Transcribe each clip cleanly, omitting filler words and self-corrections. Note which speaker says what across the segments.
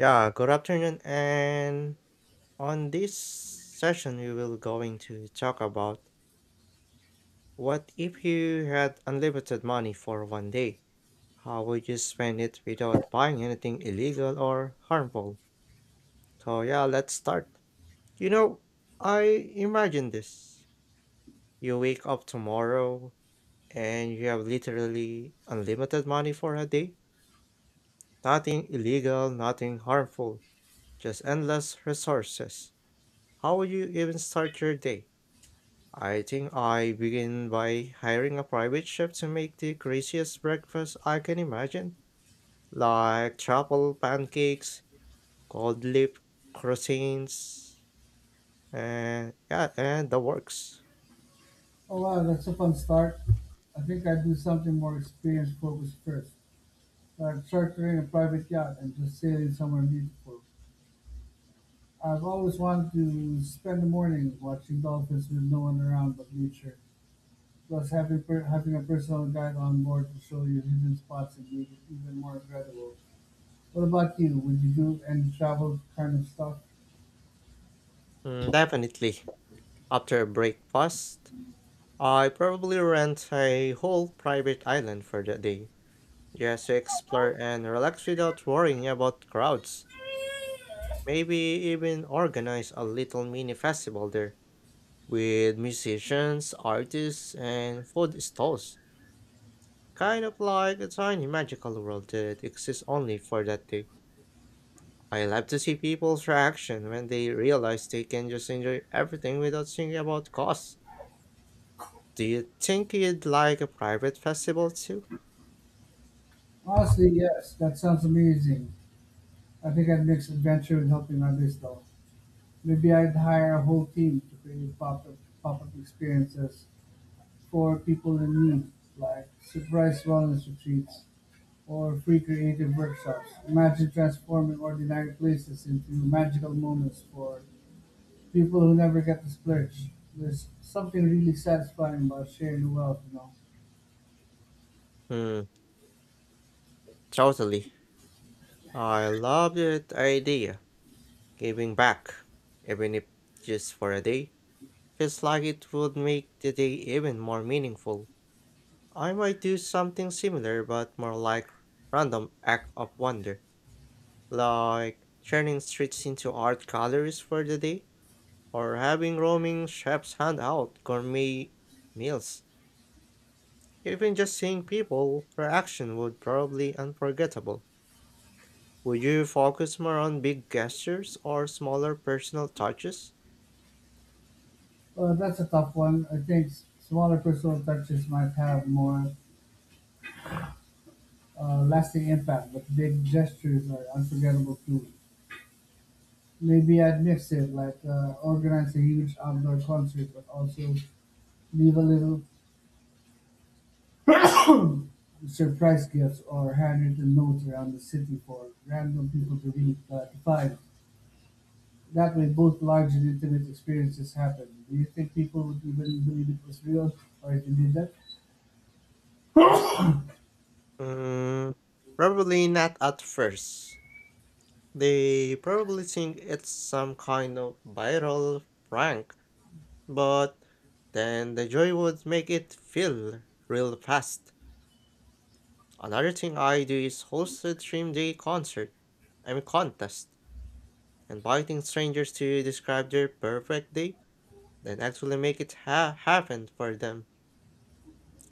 Speaker 1: Yeah, good afternoon. And on this session, we will going to talk about, what if you had unlimited money for one day? How would you spend it without buying anything illegal or harmful? So yeah, let's start. You know, I imagine this. You wake up tomorrow and you have literally unlimited money for a day. Nothing illegal, nothing harmful, just endless resources. How would you even start your day? I think I begin by hiring a private chef to make the craziest breakfast I can imagine, like truffle pancakes, gold leaf croissants, and yeah, and the works.
Speaker 2: Oh wow, that's a fun start. I think I'd do something more experience focused first, like chartering a private yacht and just sailing somewhere beautiful. I've always wanted to spend the morning watching dolphins with no one around but nature. Plus, having a personal guide on board to show you hidden spots and make it even more incredible. What about you? Would you do any travel kind of stuff?
Speaker 1: Mm, definitely. After breakfast, I probably rent a whole private island for the day, just to explore and relax without worrying about crowds. Maybe even organize a little mini festival there with musicians, artists, and food stalls. Kind of like a tiny magical world that exists only for that day. I love to see people's reaction when they realize they can just enjoy everything without thinking about costs. Do you think you'd like a private festival too?
Speaker 2: Honestly, yes. That sounds amazing. I think I'd mix adventure with helping others, though. Maybe I'd hire a whole team to create pop-up experiences for people in need, like surprise wellness retreats or free creative workshops. Imagine transforming ordinary places into magical moments for people who never get to splurge. There's something really satisfying about sharing wealth, you know.
Speaker 1: Hmm, totally. I love that idea. Giving back, even if just for a day, feels like it would make the day even more meaningful. I might do something similar but more like random act of wonder, like turning streets into art galleries for the day, or having roaming chefs hand out gourmet meals. Even just seeing people reaction would probably unforgettable. Would you focus more on big gestures or smaller personal touches?
Speaker 2: Well, that's a tough one. I think smaller personal touches might have more lasting impact, but big gestures are unforgettable too. Maybe I'd mix it, like organize a huge outdoor concert, but also leave a little surprise gifts or handwritten notes around the city for random people to read, to find. That way, both large and intimate experiences happen. Do you think people would even believe it was real or if you did that?
Speaker 1: Mm, probably not at first. They probably think it's some kind of viral prank. But then the joy would make it feel real fast. Another thing I do is host a dream day concert. I mean contest, inviting strangers to describe their perfect day, then actually make it happen for them.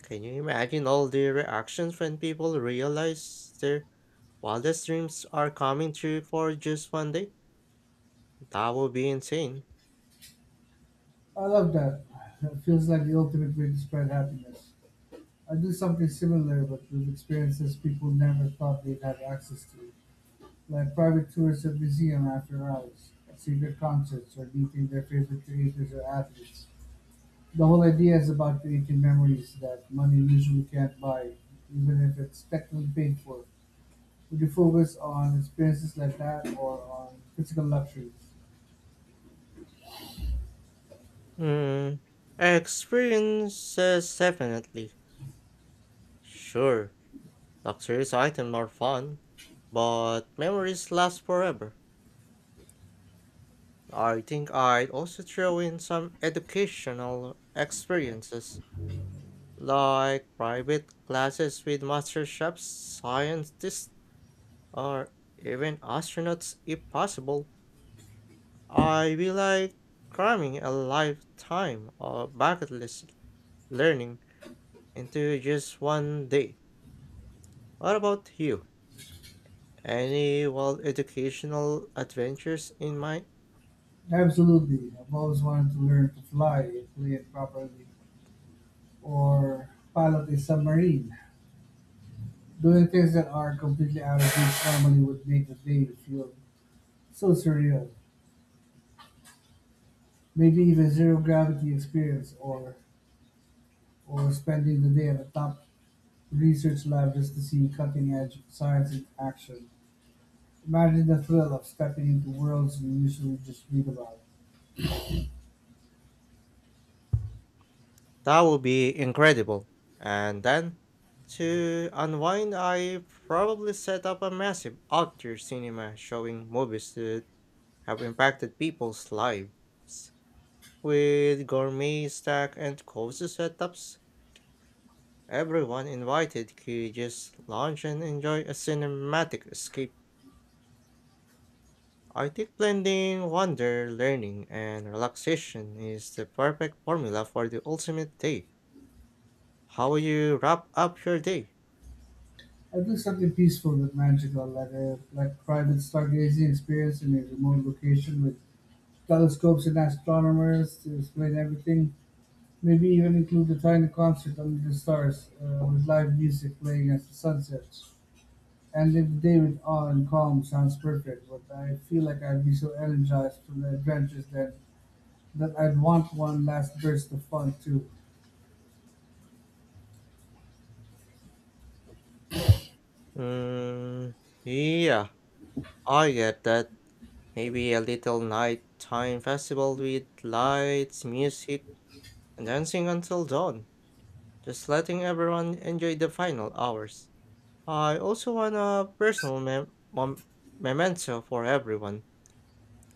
Speaker 1: Can you imagine all the reactions when people realize their wildest dreams are coming true for just one day? That would be insane.
Speaker 2: I love that. It feels like the ultimate way to spread happiness. I do something similar, but with experiences people never thought they'd have access to. Like private tours of museums after hours, secret concerts, or meeting their favorite creators or athletes. The whole idea is about creating memories that money usually can't buy, even if it's technically paid for. Would you focus on experiences like that or on physical luxuries?
Speaker 1: Hmm. Experiences definitely. Sure, luxurious items are fun, but memories last forever. I think I'd also throw in some educational experiences, like private classes with master chefs, scientists, or even astronauts if possible. I feel like cramming a lifetime of bucket list learning into just one day. What about you? Any wild educational adventures in mind?
Speaker 2: Absolutely. I've always wanted to learn to fly, and play it properly, or pilot a submarine. Doing things that are completely out of reach normally would make the day feel so surreal. Maybe even zero-gravity experience, or spending the day at a top research lab just to see cutting-edge science in action. Imagine the thrill of stepping into worlds you usually just read about.
Speaker 1: That would be incredible. And then, to unwind, I probably set up a massive outdoor cinema showing movies that have impacted people's lives. With gourmet stack and cozy setups, everyone invited could just lounge and enjoy a cinematic escape. I think blending wonder, learning, and relaxation is the perfect formula for the ultimate day. How will you wrap up your day?
Speaker 2: I'd do something peaceful but magical, like a like private stargazing experience in a remote location with telescopes and astronomers to explain everything. Maybe even include a tiny concert under the stars with live music playing as the sun sets. And if David Allen calm sounds perfect, but I feel like I'd be so energized from the adventures that I'd want one last burst of fun too.
Speaker 1: Mm, yeah, I get that. Maybe a little nighttime festival with lights, music, and dancing until dawn, just letting everyone enjoy the final hours. I also want a personal memento for everyone,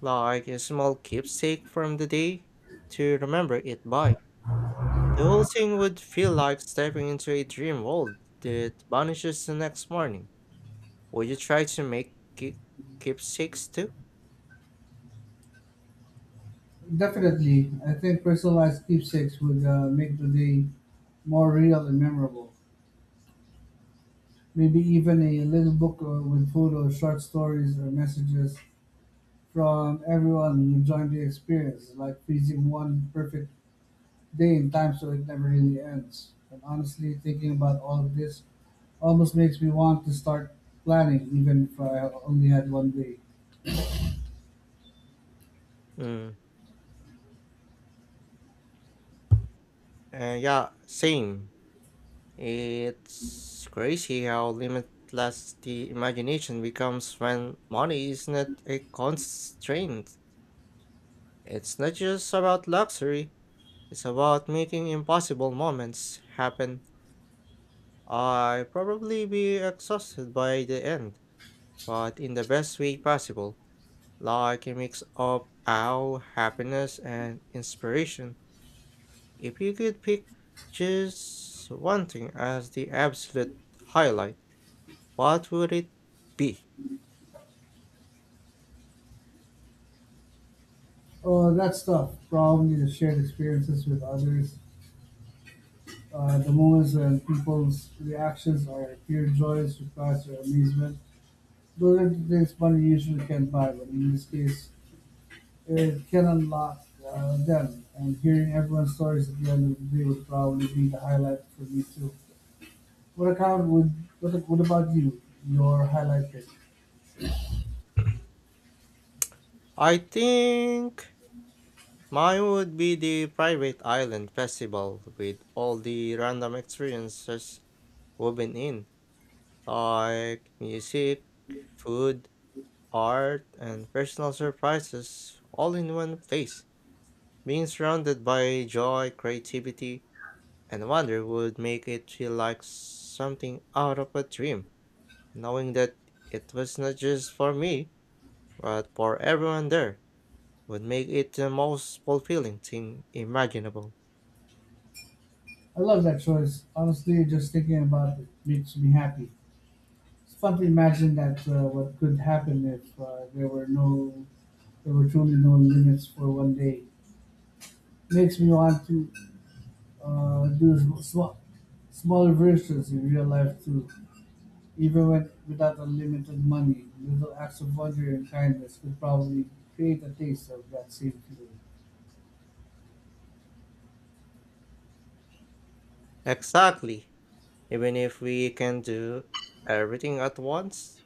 Speaker 1: like a small keepsake from the day to remember it by. The whole thing would feel like stepping into a dream world that vanishes the next morning. Would you try to make keepsakes too?
Speaker 2: Definitely, I think personalized keepsakes would make the day more real and memorable. Maybe even a little book with photos, short stories, or messages from everyone who joined the experience, like freezing one perfect day in time so it never really ends. And honestly, thinking about all of this almost makes me want to start planning, even if I only had one day.
Speaker 1: Mm. Yeah, same. It's crazy how limitless the imagination becomes when money is not a constraint. It's not just about luxury. It's about making impossible moments happen. I probably be exhausted by the end, but in the best way possible, like a mix of awe, happiness, and inspiration. If you could pick just one thing as the absolute highlight, what would it be?
Speaker 2: Oh, that stuff, probably the shared experiences with others, the moments when people's reactions are pure joy, surprise, or amazement. Those are the things money usually can't buy, but in this case, it can unlock them. And hearing everyone's stories at the end of the day would probably be the highlight for me too. What account would what about you? Your are highlighted.
Speaker 1: I think mine would be the private island festival with all the random experiences woven in, like music, food, art, and personal surprises all in one place. Being surrounded by joy, creativity, and wonder would make it feel like something out of a dream. Knowing that it was not just for me, but for everyone there, would make it the most fulfilling thing imaginable.
Speaker 2: I love that choice. Honestly, just thinking about it makes me happy. It's fun to imagine that what could happen if there were truly no limits for one day. Makes me want to uh, do sm- sm- smaller versions in real life too. Even when without unlimited money, little acts of wonder and kindness could probably create a taste of that same feeling.
Speaker 1: Exactly. Even if we can do everything at once,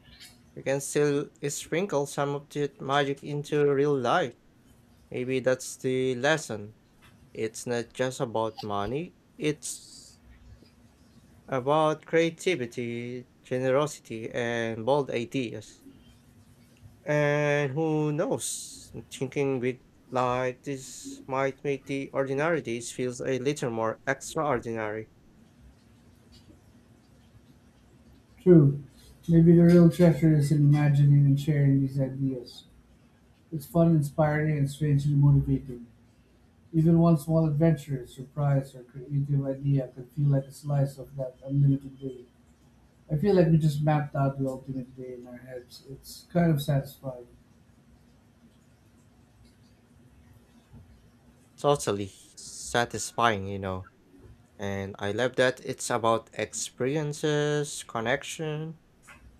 Speaker 1: we can still sprinkle some of that magic into real life. Maybe that's the lesson. It's not just about money, it's about creativity, generosity, and bold ideas. And who knows, thinking big like this might make the ordinary days feels a little more extraordinary.
Speaker 2: True, maybe the real treasure is in imagining and sharing these ideas. It's fun, inspiring, and strangely motivating. Even one small adventure, surprise, or creative idea can feel like a slice of that unlimited day. I feel like we just mapped out the ultimate day in our heads. It's kind of satisfying.
Speaker 1: Totally satisfying, you know. And I love that it's about experiences, connection,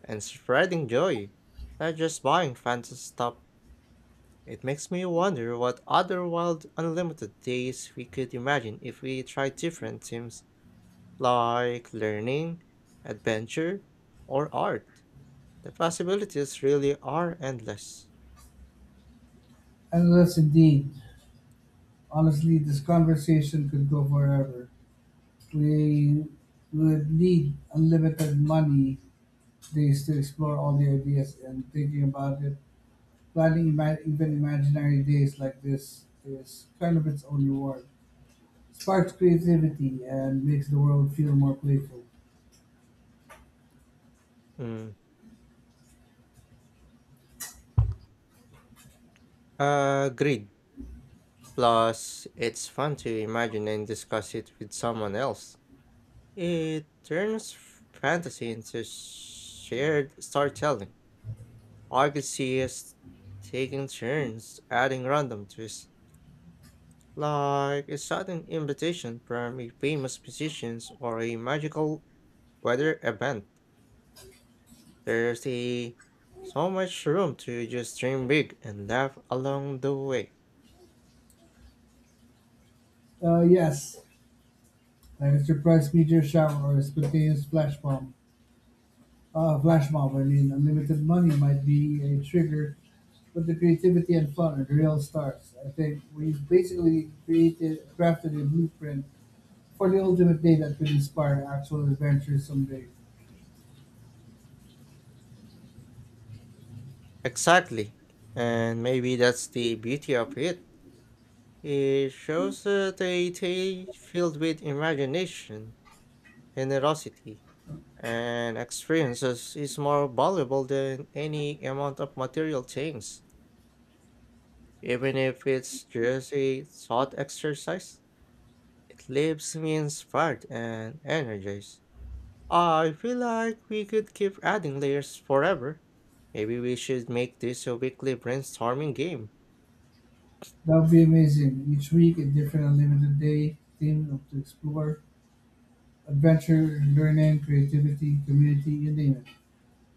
Speaker 1: and spreading joy, not just buying fancy stuff. It makes me wonder what other wild unlimited days we could imagine if we tried different themes like learning, adventure, or art. The possibilities really are endless.
Speaker 2: Unless, indeed, honestly, this conversation could go forever. We would need unlimited money days to explore all the ideas and thinking about it. Even imaginary days like this is kind of its own reward. Sparks creativity and makes the world feel more playful.
Speaker 1: Mm. Agreed. Plus, it's fun to imagine and discuss it with someone else. It turns fantasy into shared storytelling. I could see us taking turns adding random twists, like a sudden invitation from a famous musician or a magical weather event. There's a so much room to just dream big and laugh along the way.
Speaker 2: Yes, like a surprise meteor shower or a spontaneous flash bomb. Flash mob, I mean, unlimited money might be a trigger, but the creativity and fun are the real stars. I think we've basically crafted a blueprint for the ultimate day that could inspire actual adventures someday.
Speaker 1: Exactly. And maybe that's the beauty of it. It shows that a tale filled with imagination, generosity, and experiences is more valuable than any amount of material things. Even if it's just a thought exercise, it leaves me inspired and energized. I feel like we could keep adding layers forever. Maybe we should make this a weekly brainstorming game.
Speaker 2: That would be amazing. Each week, a different unlimited day theme to explore adventure, learning, creativity, community you name it.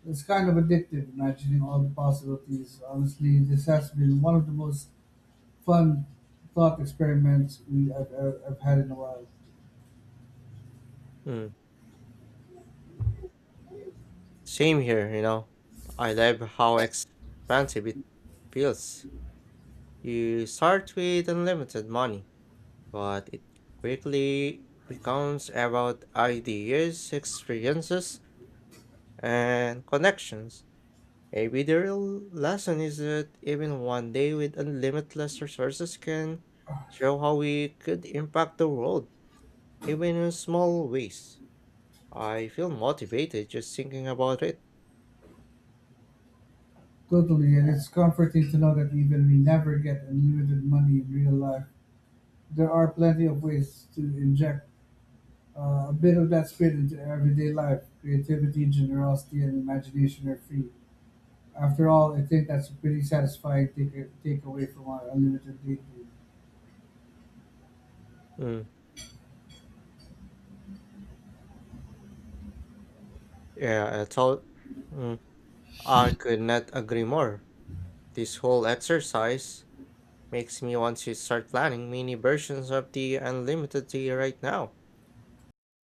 Speaker 2: It's kind of addictive imagining all the possibilities. Honestly, this has been one of the most fun thought experiments we I've had in a while.
Speaker 1: Mm, same here, you know. I love how expansive it feels. You start with unlimited money but it quickly becomes about ideas, experiences, and connections. Maybe the real lesson is that even one day with unlimited resources can show how we could impact the world, even in small ways. I feel motivated just thinking about it.
Speaker 2: Totally, and it's comforting to know that even we never get unlimited money in real life. There are plenty of ways to inject a bit of that spirit into everyday life. Creativity, generosity, and imagination are free. After all, I think that's a pretty satisfying takeaway from our unlimited dating.
Speaker 1: Mm, yeah, I thought mm, I could not agree more. This whole exercise makes me want to start planning mini versions of the unlimited tea right now.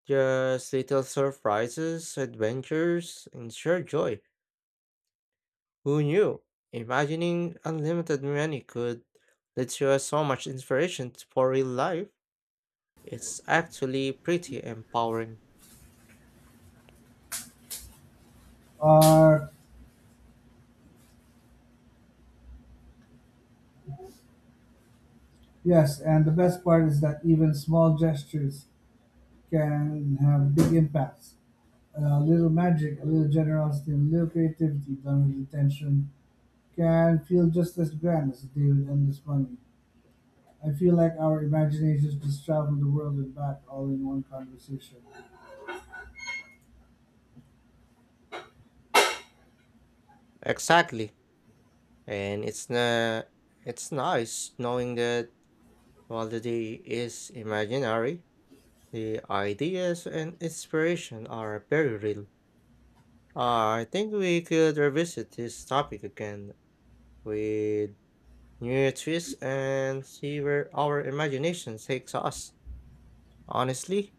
Speaker 1: Just little surprises, adventures, and shared joy. Who knew? Imagining unlimited money could let you have so much inspiration for real life. It's actually pretty empowering.
Speaker 2: Or yes, and the best part is that even small gestures can have big impacts. A little magic, a little generosity, and a little creativity done with intention can feel just as grand as a day with endless money. I feel like our imaginations just travel the world and back all in one conversation.
Speaker 1: Exactly. And it's nice knowing that while the day is imaginary, the ideas and inspiration are very real. I think we could revisit this topic again with new twists and see where our imagination takes us. Honestly,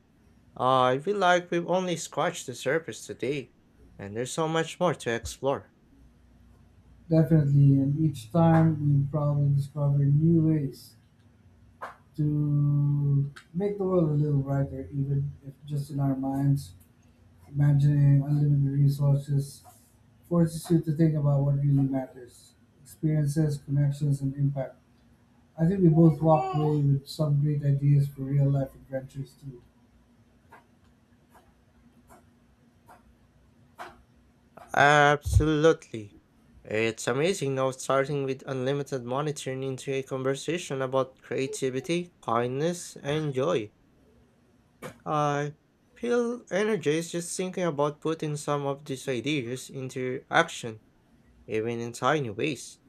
Speaker 1: I feel like we've only scratched the surface today, and there's so much more to explore.
Speaker 2: Definitely, and each time we probably discover new ways to make the world a little brighter, even if just in our minds. Imagining unlimited resources forces you to think about what really matters experiences, connections, and impact. I think we both walked away with some great ideas for real life adventures, too.
Speaker 1: Absolutely. It's amazing now starting with unlimited money turned into a conversation about creativity, kindness, and joy. I feel energized just thinking about putting some of these ideas into action, even in tiny ways.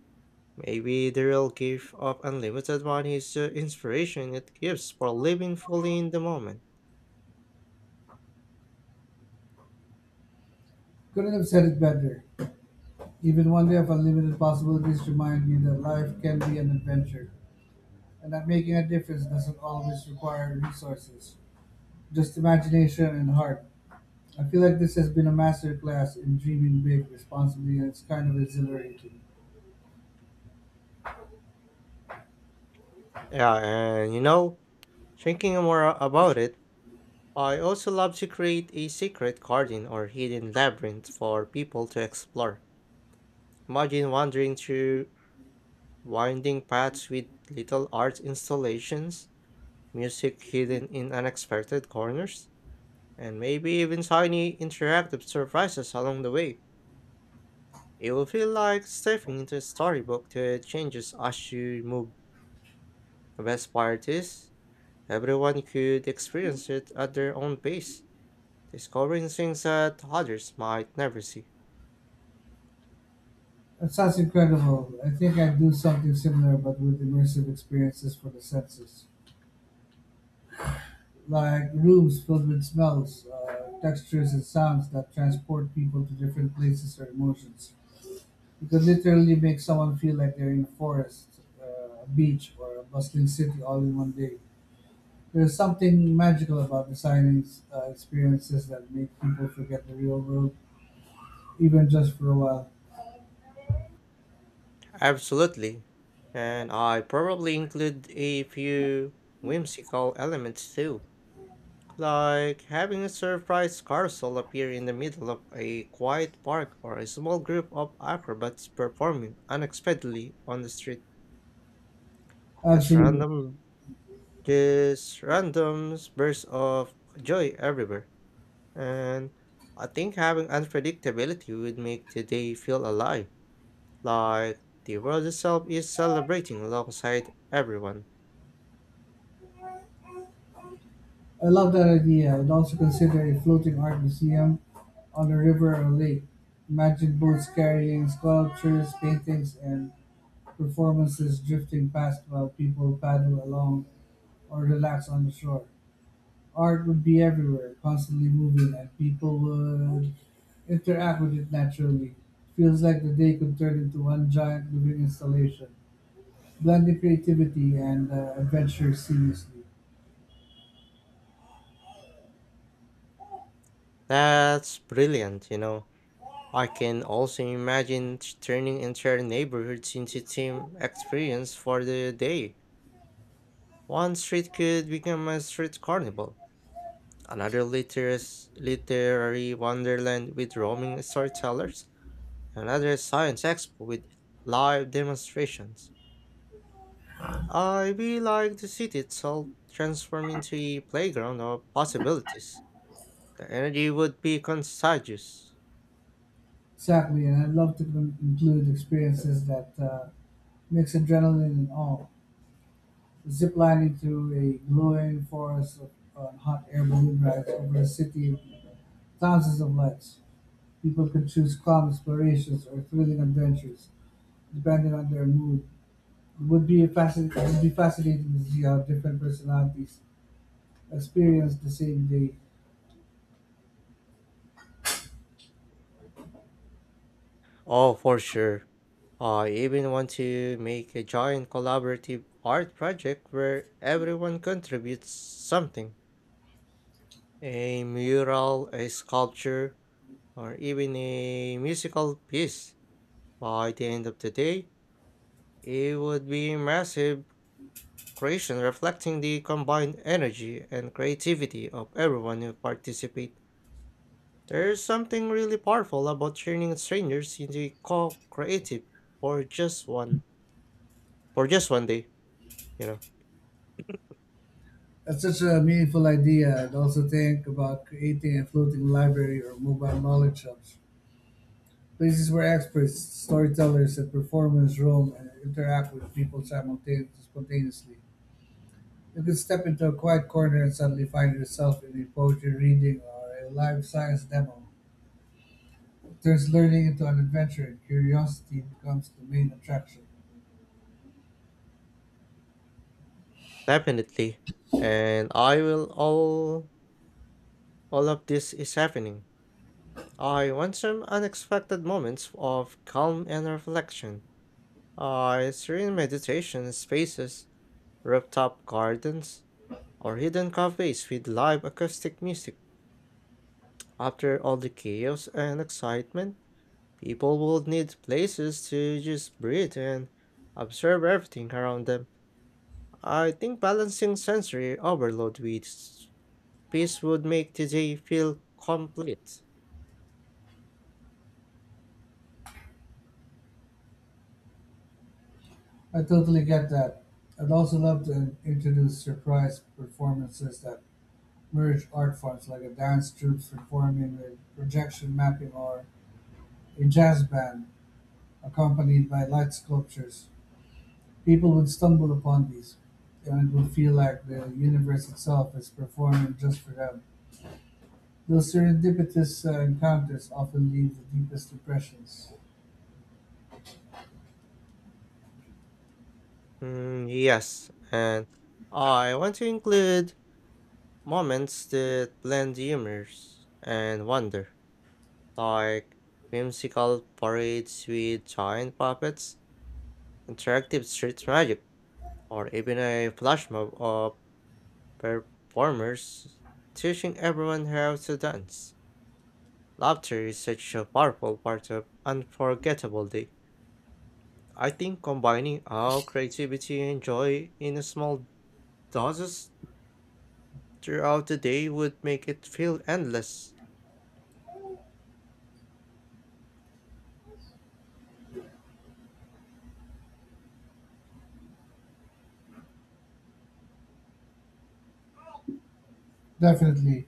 Speaker 1: Maybe the real gift of unlimited money is the inspiration it gives for living fully in the moment.
Speaker 2: Couldn't have said it better. Even one day of unlimited possibilities remind me that life can be an adventure, and that making a difference doesn't always require resources, just imagination and heart. I feel like this has been a master class in dreaming big responsibly, and it's kind of exhilarating.
Speaker 1: Yeah, and you know, thinking more about it, I also love to create a secret garden or hidden labyrinth for people to explore. Imagine wandering through winding paths with little art installations, music hidden in unexpected corners, and maybe even tiny interactive surprises along the way. It will feel like stepping into a storybook that changes as you move. The best part is, everyone could experience it at their own pace, discovering things that others might never see.
Speaker 2: That sounds incredible. I think I'd do something similar, but with immersive experiences for the senses, like rooms filled with smells, textures, and sounds that transport people to different places or emotions. You could literally make someone feel like they're in a forest, a beach, or a bustling city all in one day. There's something magical about designing experiences that make people forget the real world even just for a while.
Speaker 1: Absolutely. And I probably include a few whimsical elements too, like having a surprise carousel appear in the middle of a quiet park or a small group of acrobats performing unexpectedly on the street. Just
Speaker 2: Absolutely.
Speaker 1: random Just random bursts of joy everywhere. And I think having unpredictability would make the day feel alive, like the world itself is celebrating alongside everyone.
Speaker 2: I love that idea. I'd also consider a floating art museum on a river or lake. Imagine boats carrying sculptures, paintings, and performances drifting past while people paddle along or relax on the shore. Art would be everywhere, constantly moving, and people would interact with it naturally. Feels like the day could turn into one giant living installation, blending creativity and adventure seamlessly.
Speaker 1: That's brilliant, you know. I can also imagine turning entire neighborhoods into team experience for the day. One street could become a street carnival, another literary wonderland with roaming storytellers, another science expo with live demonstrations. I really like the city itself transform into a playground of possibilities. The energy would be contagious.
Speaker 2: Exactly, and I'd love to include experiences that mix adrenaline and awe. Ziplining through a glowing forest of, on hot air balloon rides over a city of thousands of lights. People could choose calm explorations or thrilling adventures, depending on their mood. It would be fascinating to see how different personalities experience the same day.
Speaker 1: Oh, for sure. I even want to make a giant collaborative art project where everyone contributes something. A mural, a sculpture, or even a musical piece. By the end of the day, it would be a massive creation reflecting the combined energy and creativity of everyone who participate. There's something really powerful about turning strangers into co-creative for just one for just one day, you know.
Speaker 2: That's such a meaningful idea. I'd also think about creating a floating library or mobile knowledge hubs. Places where experts, storytellers, and performers roam and interact with people spontaneously. You could step into a quiet corner and suddenly find yourself in a poetry reading or a live science demo. It turns learning into an adventure and curiosity becomes the main attraction.
Speaker 1: Definitely. And I will, all of this is happening, I want some unexpected moments of calm and reflection. I serene meditation spaces, rooftop gardens, or hidden cafes with live acoustic music. After all the chaos and excitement, people will need places to just breathe and observe everything around them. I think balancing sensory overload with peace would make today feel complete.
Speaker 2: I totally get that. I'd also love to introduce surprise performances that merge art forms like a dance troupe performing with projection mapping or a jazz band accompanied by light sculptures. People would stumble upon these, and it would feel like the universe itself is performing just for them. Those serendipitous encounters often leave the deepest impressions.
Speaker 1: Mm, yes, and I want to include moments that blend humor and wonder, like whimsical parades with giant puppets, interactive street magic, or even a flash mob of performers teaching everyone how to dance. Laughter is such a powerful part of unforgettable day. I think combining our creativity and joy in a small doses throughout the day would make it feel endless.
Speaker 2: Definitely,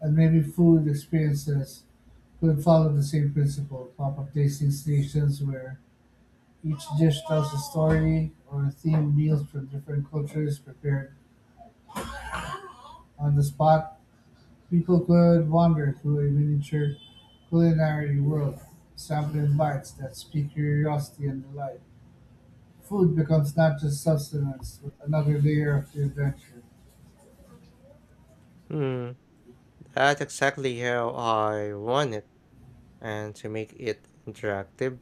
Speaker 2: and maybe food experiences could follow the same principle. Pop up tasting stations where each dish tells a story or a themed meals from different cultures prepared on the spot. People could wander through a miniature culinary world, sampling bites that speak curiosity and delight. Food becomes not just sustenance, but another layer of the adventure.
Speaker 1: Hmm, that's exactly how I want it. And to make it interactive,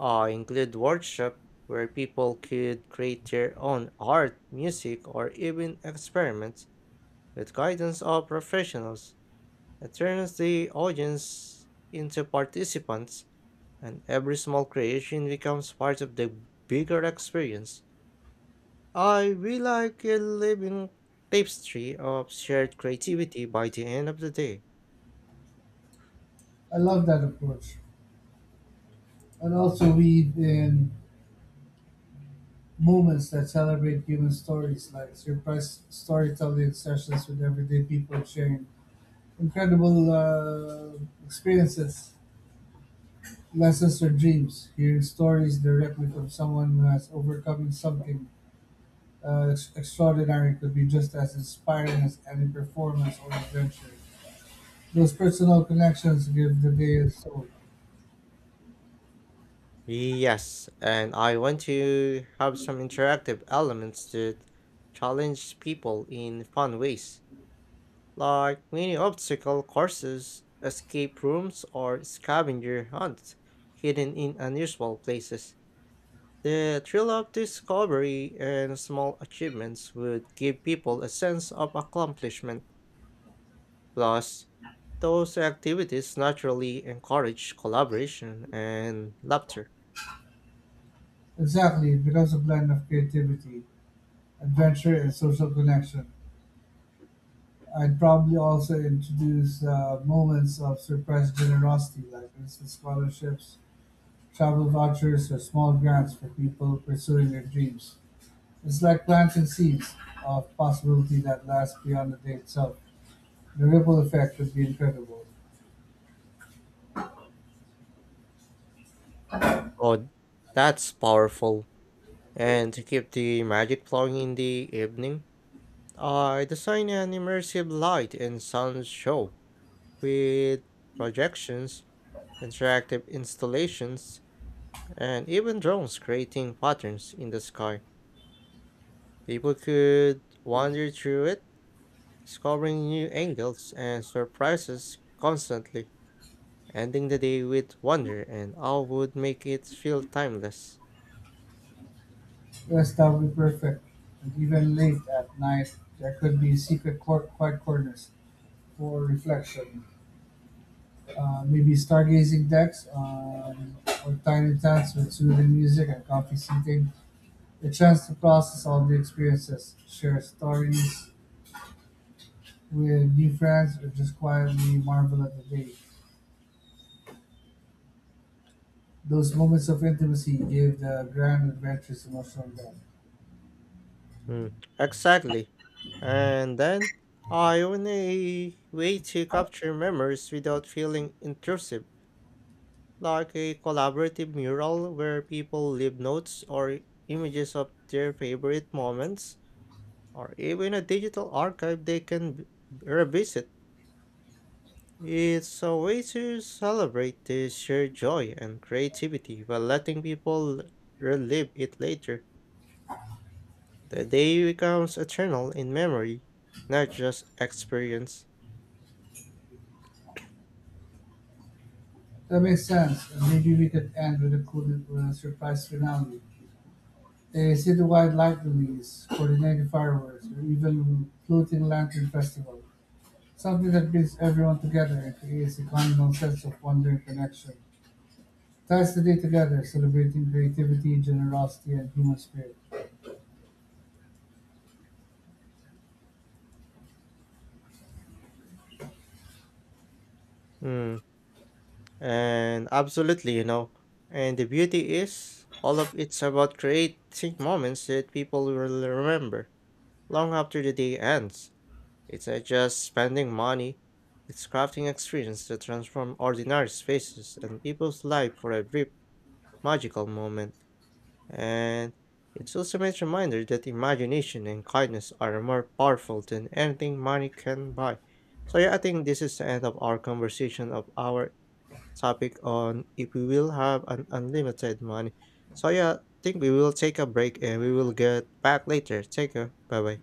Speaker 1: I include workshop where people could create their own art, music, or even experiments with guidance of professionals. It turns the audience into participants and every small creation becomes part of the bigger experience. I we like a living tapestry of shared creativity by the end of the day.
Speaker 2: I love that approach. And also weave in moments that celebrate human stories, like surprise storytelling sessions with everyday people sharing incredible experiences, lessons, or dreams. Hearing stories directly from someone who has overcome something extraordinary could be just as inspiring as any performance or adventure. Those personal connections give the day a soul.
Speaker 1: Yes, and I want to have some interactive elements to challenge people in fun ways. Like many obstacle courses, escape rooms, or scavenger hunts hidden in unusual places. The thrill of discovery and small achievements would give people a sense of accomplishment. Plus, those activities naturally encourage collaboration and laughter.
Speaker 2: Exactly, it becomes a blend of creativity, adventure, and social connection. I'd probably also introduce moments of surprise generosity, like instant scholarships, travel vouchers, or small grants for people pursuing their dreams. It's like planting seeds of possibility that lasts beyond the day itself. The ripple effect would be incredible.
Speaker 1: Oh, that's powerful. And to keep the magic flowing in the evening, I designed an immersive light and sound show with projections, interactive installations, and even drones creating patterns in the sky. People could wander through it, discovering new angles and surprises constantly, ending the day with wonder and all would make it feel timeless.
Speaker 2: Yes, that would be perfect. And even late at night, there could be quiet corners for reflection. Maybe stargazing decks or tiny tents with soothing music and comfy seating. A chance to process all the experiences, share stories with new friends, or just quietly marvel at the day. Those moments of intimacy give the grand adventures emotional depth.
Speaker 1: Mm, exactly. And then I want a way to capture memories without feeling intrusive, like a collaborative mural where people leave notes or images of their favorite moments, or even a digital archive they can revisit. It's a way to celebrate the shared joy and creativity while letting people relive it later. The day becomes eternal in memory, not just experience.
Speaker 2: That makes sense. And maybe we could end with a cool with a surprise finale. A citywide light release, coordinated fireworks, or even floating lantern festival. Something that brings everyone together and creates a communal sense of wonder and connection. Ties the day together, celebrating creativity, generosity, and human spirit.
Speaker 1: Hmm. And absolutely, you know. And the beauty is, all of it's about creating moments that people will remember long after the day ends. It's not just spending money, it's crafting experience that transform ordinary spaces and people's life for a brief magical moment. And it's also a nice reminder that imagination and kindness are more powerful than anything money can buy. So yeah, I think this is the end of our conversation of our topic on if we will have an unlimited money. So yeah, I think we will take a break and we will get back later. Take care. Bye bye.